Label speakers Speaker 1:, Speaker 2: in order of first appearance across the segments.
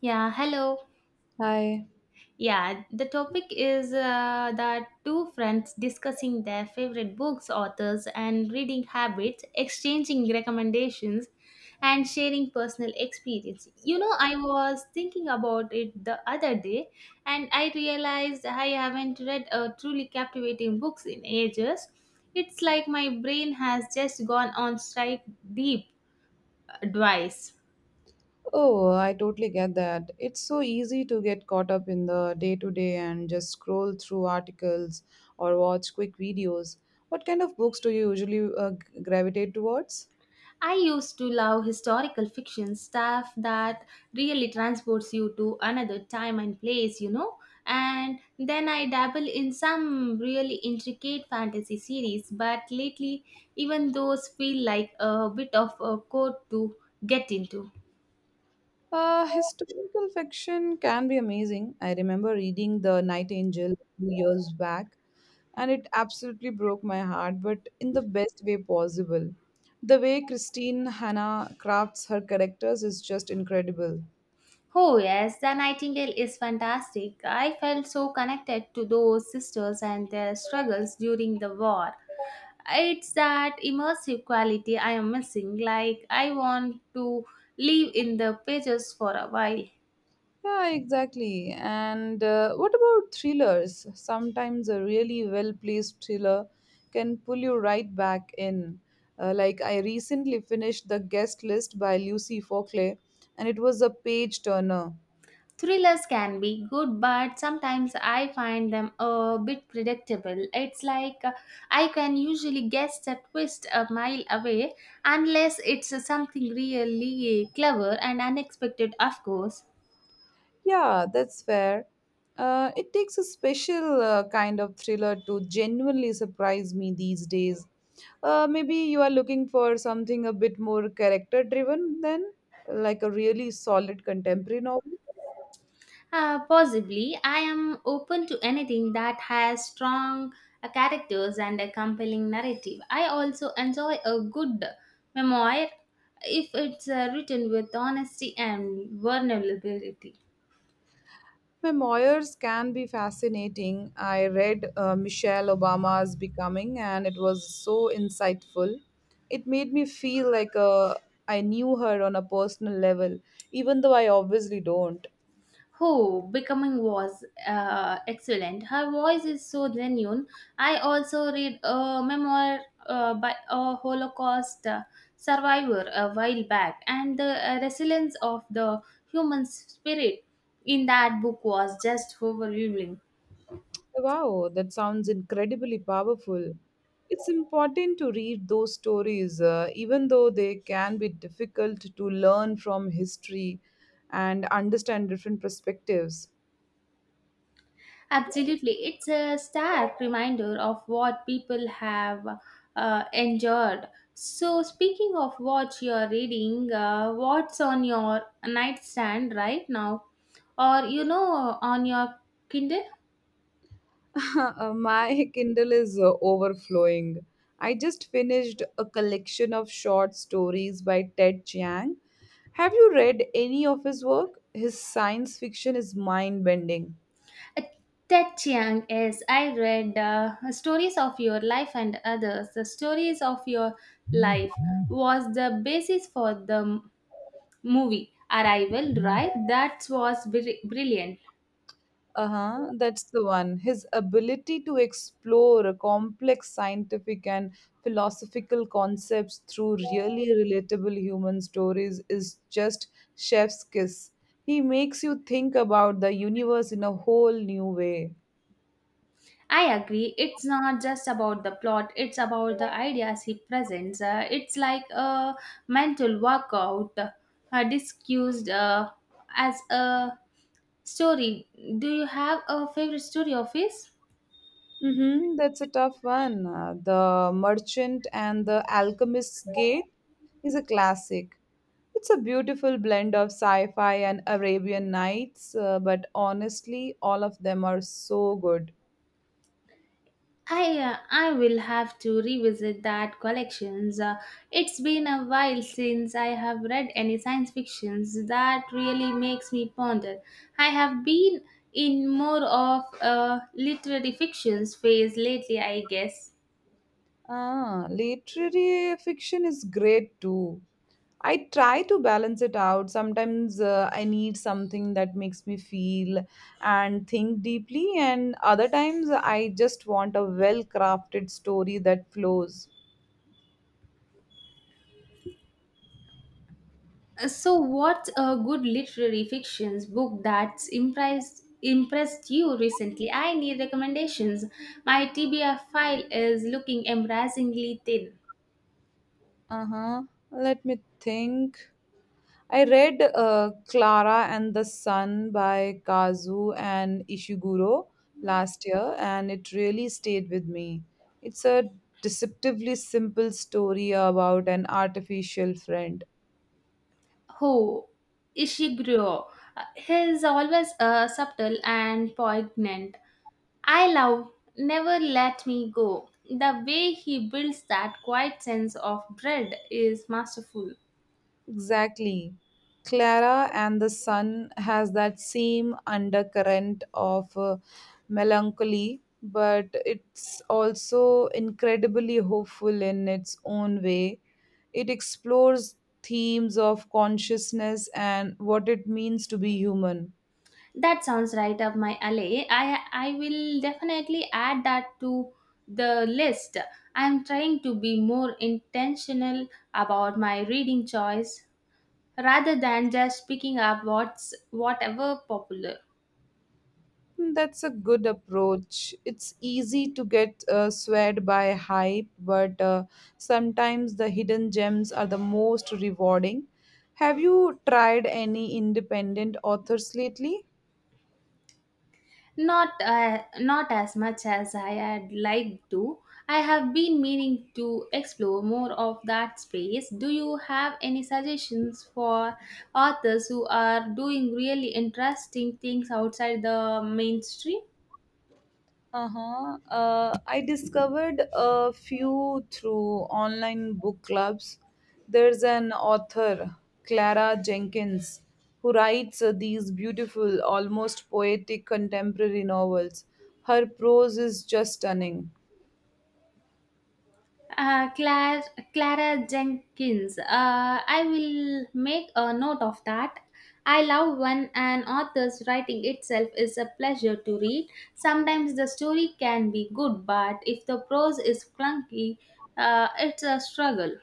Speaker 1: Yeah, hello.
Speaker 2: Hi.
Speaker 1: Yeah, the topic is that two friends discussing their favorite books, authors, and reading habits, exchanging recommendations, and sharing personal experience. You know, I was thinking about it the other day, and I realized I haven't read a truly captivating books in ages. It's like my brain has just gone on strike deep twice.
Speaker 2: Oh, I totally get that. It's so easy to get caught up in the day to day and just scroll through articles or watch quick videos. What kind of books do you usually gravitate towards?
Speaker 1: I used to love historical fiction stuff that really transports you to another time and place, you know. And then I dabble in some really intricate fantasy series, but lately, even those feel like a bit of a code to get into.
Speaker 2: Historical fiction can be amazing. I remember reading The Night Angel a few years back, and it absolutely broke my heart, but in the best way possible. The way Christine Hannah crafts her characters is just incredible.
Speaker 1: Oh, yes, The Nightingale is fantastic. I felt so connected to those sisters and their struggles during the war. It's that immersive quality I am missing. Like, I want to live in the pages for a while.
Speaker 2: Yeah, exactly. And what about thrillers? Sometimes a really well placed thriller can pull you right back in. I recently finished The Guest List by Lucy Fockley, and it was a page turner.
Speaker 1: Thrillers can be good, but sometimes I find them a bit predictable. It's like I can usually guess the twist a mile away, unless it's something really clever and unexpected, of course.
Speaker 2: Yeah, that's fair. It takes a special kind of thriller to genuinely surprise me these days. Maybe you are looking for something a bit more character driven than like a really solid contemporary novel.
Speaker 1: Possibly. I am open to anything that has strong characters and a compelling narrative. I also enjoy a good memoir if it's written with honesty and vulnerability.
Speaker 2: Memoirs can be fascinating. I read Michelle Obama's Becoming and it was so insightful. It made me feel like I knew her on a personal level, even though I obviously don't.
Speaker 1: Who becoming was excellent. Her voice is so genuine. I also read a memoir by a Holocaust survivor a while back, and the resilience of the human spirit in that book was just overwhelming.
Speaker 2: Wow, that sounds incredibly powerful. It's important to read those stories, even though they can be difficult to learn from history and understand different perspectives.
Speaker 1: Absolutely. It's a stark reminder of what people have endured. So, speaking of what you're reading, what's on your nightstand right now? Or, you know, on your Kindle?
Speaker 2: My Kindle is overflowing. I just finished a collection of short stories by Ted Chiang. Have you read any of his work? His science fiction is mind bending.
Speaker 1: Uh, Ted Chiang is. I read Stories of Your Life and Others. The Stories of Your Life was the basis for the movie Arrival, right? That was brilliant.
Speaker 2: Uh huh, that's the one. His ability to explore a complex scientific and philosophical concepts through really relatable human stories is just chef's kiss. He makes you think about the universe in a whole new way.
Speaker 1: I agree. It's not just about the plot, it's about the ideas he presents. It's like a mental workout discussed as a story. Do you have a favorite story of his?
Speaker 2: Mm-hmm, that's a tough one. The Merchant and the Alchemist's Gate is a classic. It's a beautiful blend of sci fi and Arabian Nights, but honestly, all of them are so good.
Speaker 1: I will have to revisit that collections. It's been a while since I have read any science fictions that really makes me ponder. I have been in more of a literary fictions phase lately, I guess.
Speaker 2: Ah, literary fiction is great too. I try to balance it out. Sometimes I need something that makes me feel and think deeply, and other times I just want a well crafted story that flows.
Speaker 1: So, what a good literary fictions book that's impressed you recently? I need recommendations. My TBR file is looking embarrassingly thin.
Speaker 2: Uh-huh. Let me think. I read Clara and the Sun by Kazu and Ishiguro last year, and it really stayed with me. It's a deceptively simple story about an artificial friend.
Speaker 1: Who Ishiguro is always subtle and poignant. I love Never Let Me Go. The way he builds that quiet sense of dread is masterful.
Speaker 2: Exactly. Clara and the Sun has that same undercurrent of melancholy, but it's also incredibly hopeful in its own way. It explores themes of consciousness and what it means to be human.
Speaker 1: That sounds right up my alley. I will definitely add that to the list. I'm trying to be more intentional about my reading choice rather than just picking up what's whatever popular.
Speaker 2: That's a good approach. It's easy to get swayed by hype, but sometimes the hidden gems are the most rewarding. Have you tried any independent authors lately?
Speaker 1: Not as much as I had liked to. I have been meaning to explore more of that space. Do you have any suggestions for authors who are doing really interesting things outside the mainstream?
Speaker 2: Uh-huh. I discovered a few through online book clubs. There's an author, Clara Jenkins, who writes these beautiful, almost poetic contemporary novels. Her prose is just stunning.
Speaker 1: Uh, Clara, Clara Jenkins. I will make a note of that. I love when an author's writing itself is a pleasure to read. Sometimes the story can be good, but if the prose is clunky, it's a struggle.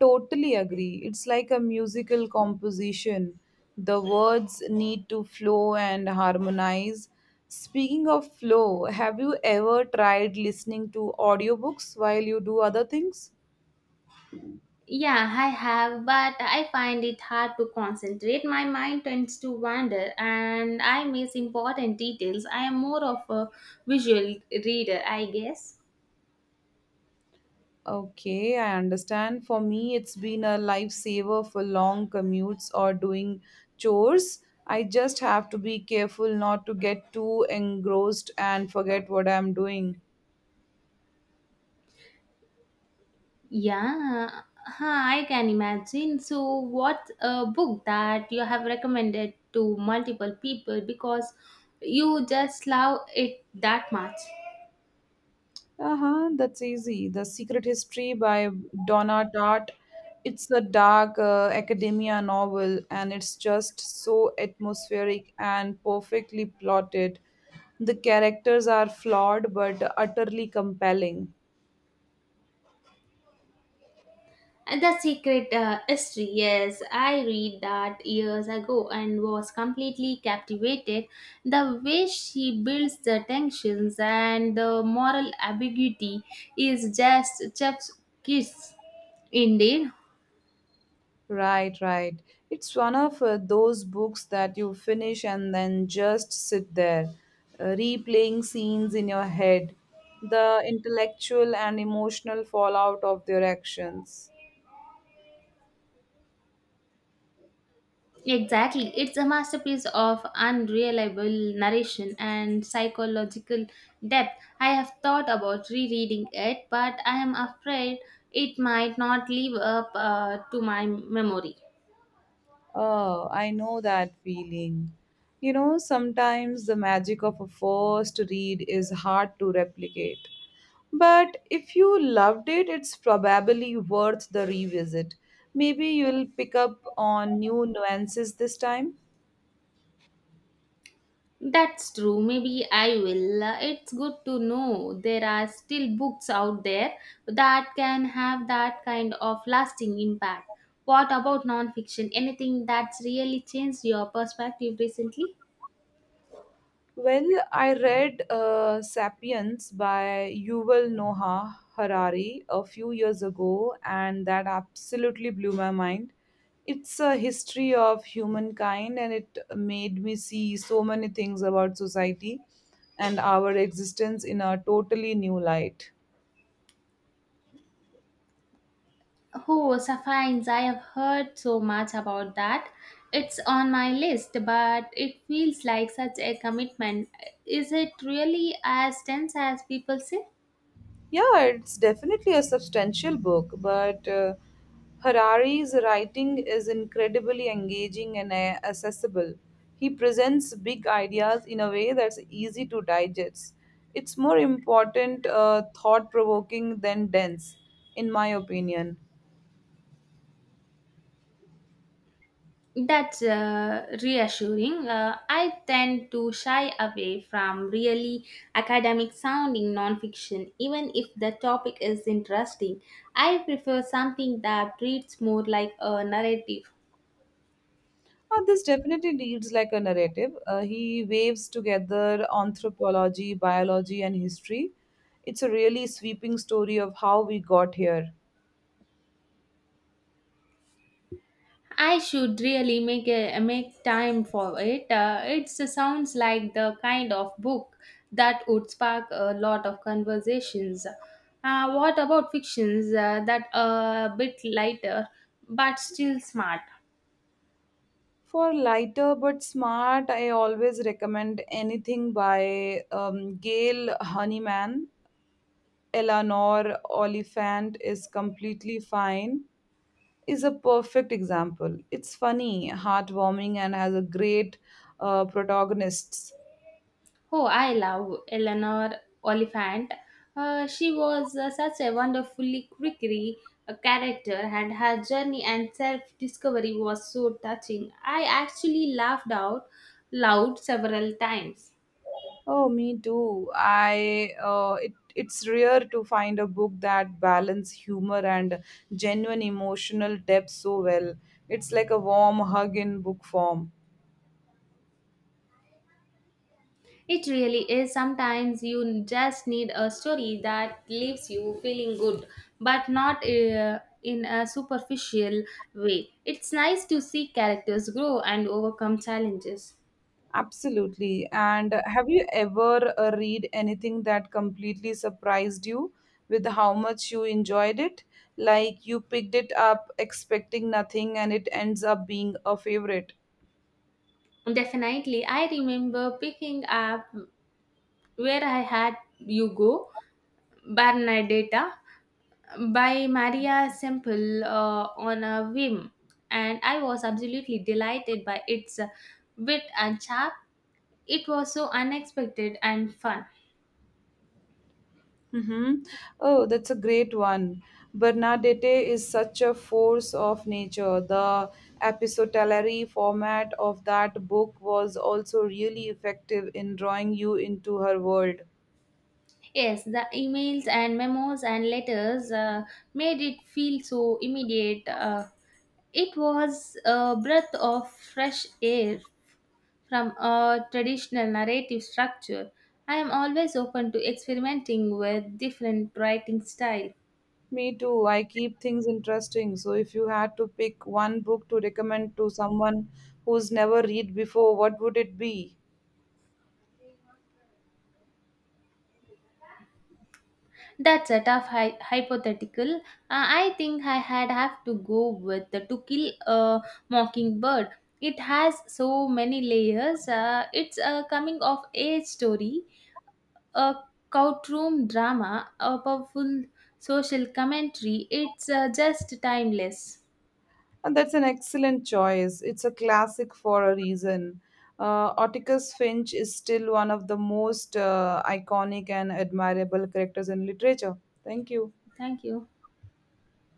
Speaker 2: Totally agree. It's like a musical composition. The words need to flow and harmonize. Speaking of flow, have you ever tried listening to audiobooks while you do other things?
Speaker 1: Yeah, I have, but I find it hard to concentrate. My mind tends to wander and I miss important details. I am more of a visual reader, I guess.
Speaker 2: Okay, I understand. For me, it's been a lifesaver for long commutes or doing chores. I just have to be careful not to get too engrossed and forget what I'm doing.
Speaker 1: Yeah, huh, I can imagine. So, what a book that you have recommended to multiple people because you just love it that much.
Speaker 2: Uh-huh, that's easy. The Secret History by Donna Tartt. It's a dark academia novel, and it's just so atmospheric and perfectly plotted. The characters are flawed but utterly compelling.
Speaker 1: And The Secret History, yes, I read that years ago and was completely captivated. The way she builds the tensions and the moral ambiguity is just chef's kiss, indeed.
Speaker 2: Right, right. It's one of those books that you finish and then just sit there, replaying scenes in your head, the intellectual and emotional fallout of their actions.
Speaker 1: Exactly. It's a masterpiece of unreliable narration and psychological depth. I have thought about rereading it, but I am afraid it might not live up to my memory.
Speaker 2: Oh, I know that feeling. You know, sometimes the magic of a first read is hard to replicate. But if you loved it, it's probably worth the revisit. Maybe you'll pick up on new nuances this time.
Speaker 1: That's true. Maybe I will. It's good to know there are still books out there that can have that kind of lasting impact. What about nonfiction? Anything that's really changed your perspective recently?
Speaker 2: Well, I read Sapiens by Yuval Noah Harari a few years ago, and that absolutely blew my mind. It's a history of humankind, and it made me see so many things about society and our existence in a totally new light.
Speaker 1: Oh, Safines, I have heard so much about that. It's on my list, but it feels like such a commitment. Is it really as tense as people say?
Speaker 2: Yeah, it's definitely a substantial book, but Harari's writing is incredibly engaging and accessible. He presents big ideas in a way that's easy to digest. It's more important, thought provoking than dense, in my opinion.
Speaker 1: That's reassuring. I tend to shy away from really academic sounding nonfiction, even if the topic is interesting. I prefer something that reads more like a narrative.
Speaker 2: This definitely reads like a narrative. He waves together anthropology, biology, and history. It's a really sweeping story of how we got here.
Speaker 1: I should really make time for it. It sounds like the kind of book that would spark a lot of conversations. What about fictions that are a bit lighter but still smart?
Speaker 2: For lighter but smart, I always recommend anything by Gail Honeyman. Eleanor Oliphant is completely fine. Is a perfect example. It's funny, heartwarming, and has a great protagonists.
Speaker 1: Oh, I love Eleanor Oliphant. She was such a wonderfully quirky character, and her journey and self discovery was so touching. I actually laughed out loud several times.
Speaker 2: Oh, me too. I It's rare to find a book that balance humor and genuine emotional depth so well. It's like a warm hug in book form.
Speaker 1: It really is. Sometimes you just need a story that leaves you feeling good, but not in a superficial way. It's nice to see characters grow and overcome challenges.
Speaker 2: Absolutely. And have you ever read anything that completely surprised you with how much you enjoyed it? Like you picked it up expecting nothing and it ends up being a favorite.
Speaker 1: Definitely, I remember picking up Where I Had You Go, Bernadetta, by Maria Semple on a whim, and I was absolutely delighted by its wit and charm. It was so unexpected and fun.
Speaker 2: Mm-hmm. Oh, that's a great one. Bernadette is such a force of nature. The epistolary format of that book was also really effective in drawing you into her world.
Speaker 1: Yes, the emails and memos and letters made it feel so immediate. It was a breath of fresh air from a traditional narrative structure. I am always open to experimenting with different writing style.
Speaker 2: Me too. I keep things interesting. So if you had to pick one book to recommend to someone who's never read before, what would it be?
Speaker 1: That's a tough hypothetical. I think I had have to go with the To Kill a Mockingbird. It has so many layers. It's a coming of age story a courtroom drama, a powerful social commentary. It's just timeless.
Speaker 2: And that's an excellent choice. It's a classic for a reason. Atticus Finch is still one of the most iconic and admirable characters in literature. Thank you.
Speaker 1: Thank you.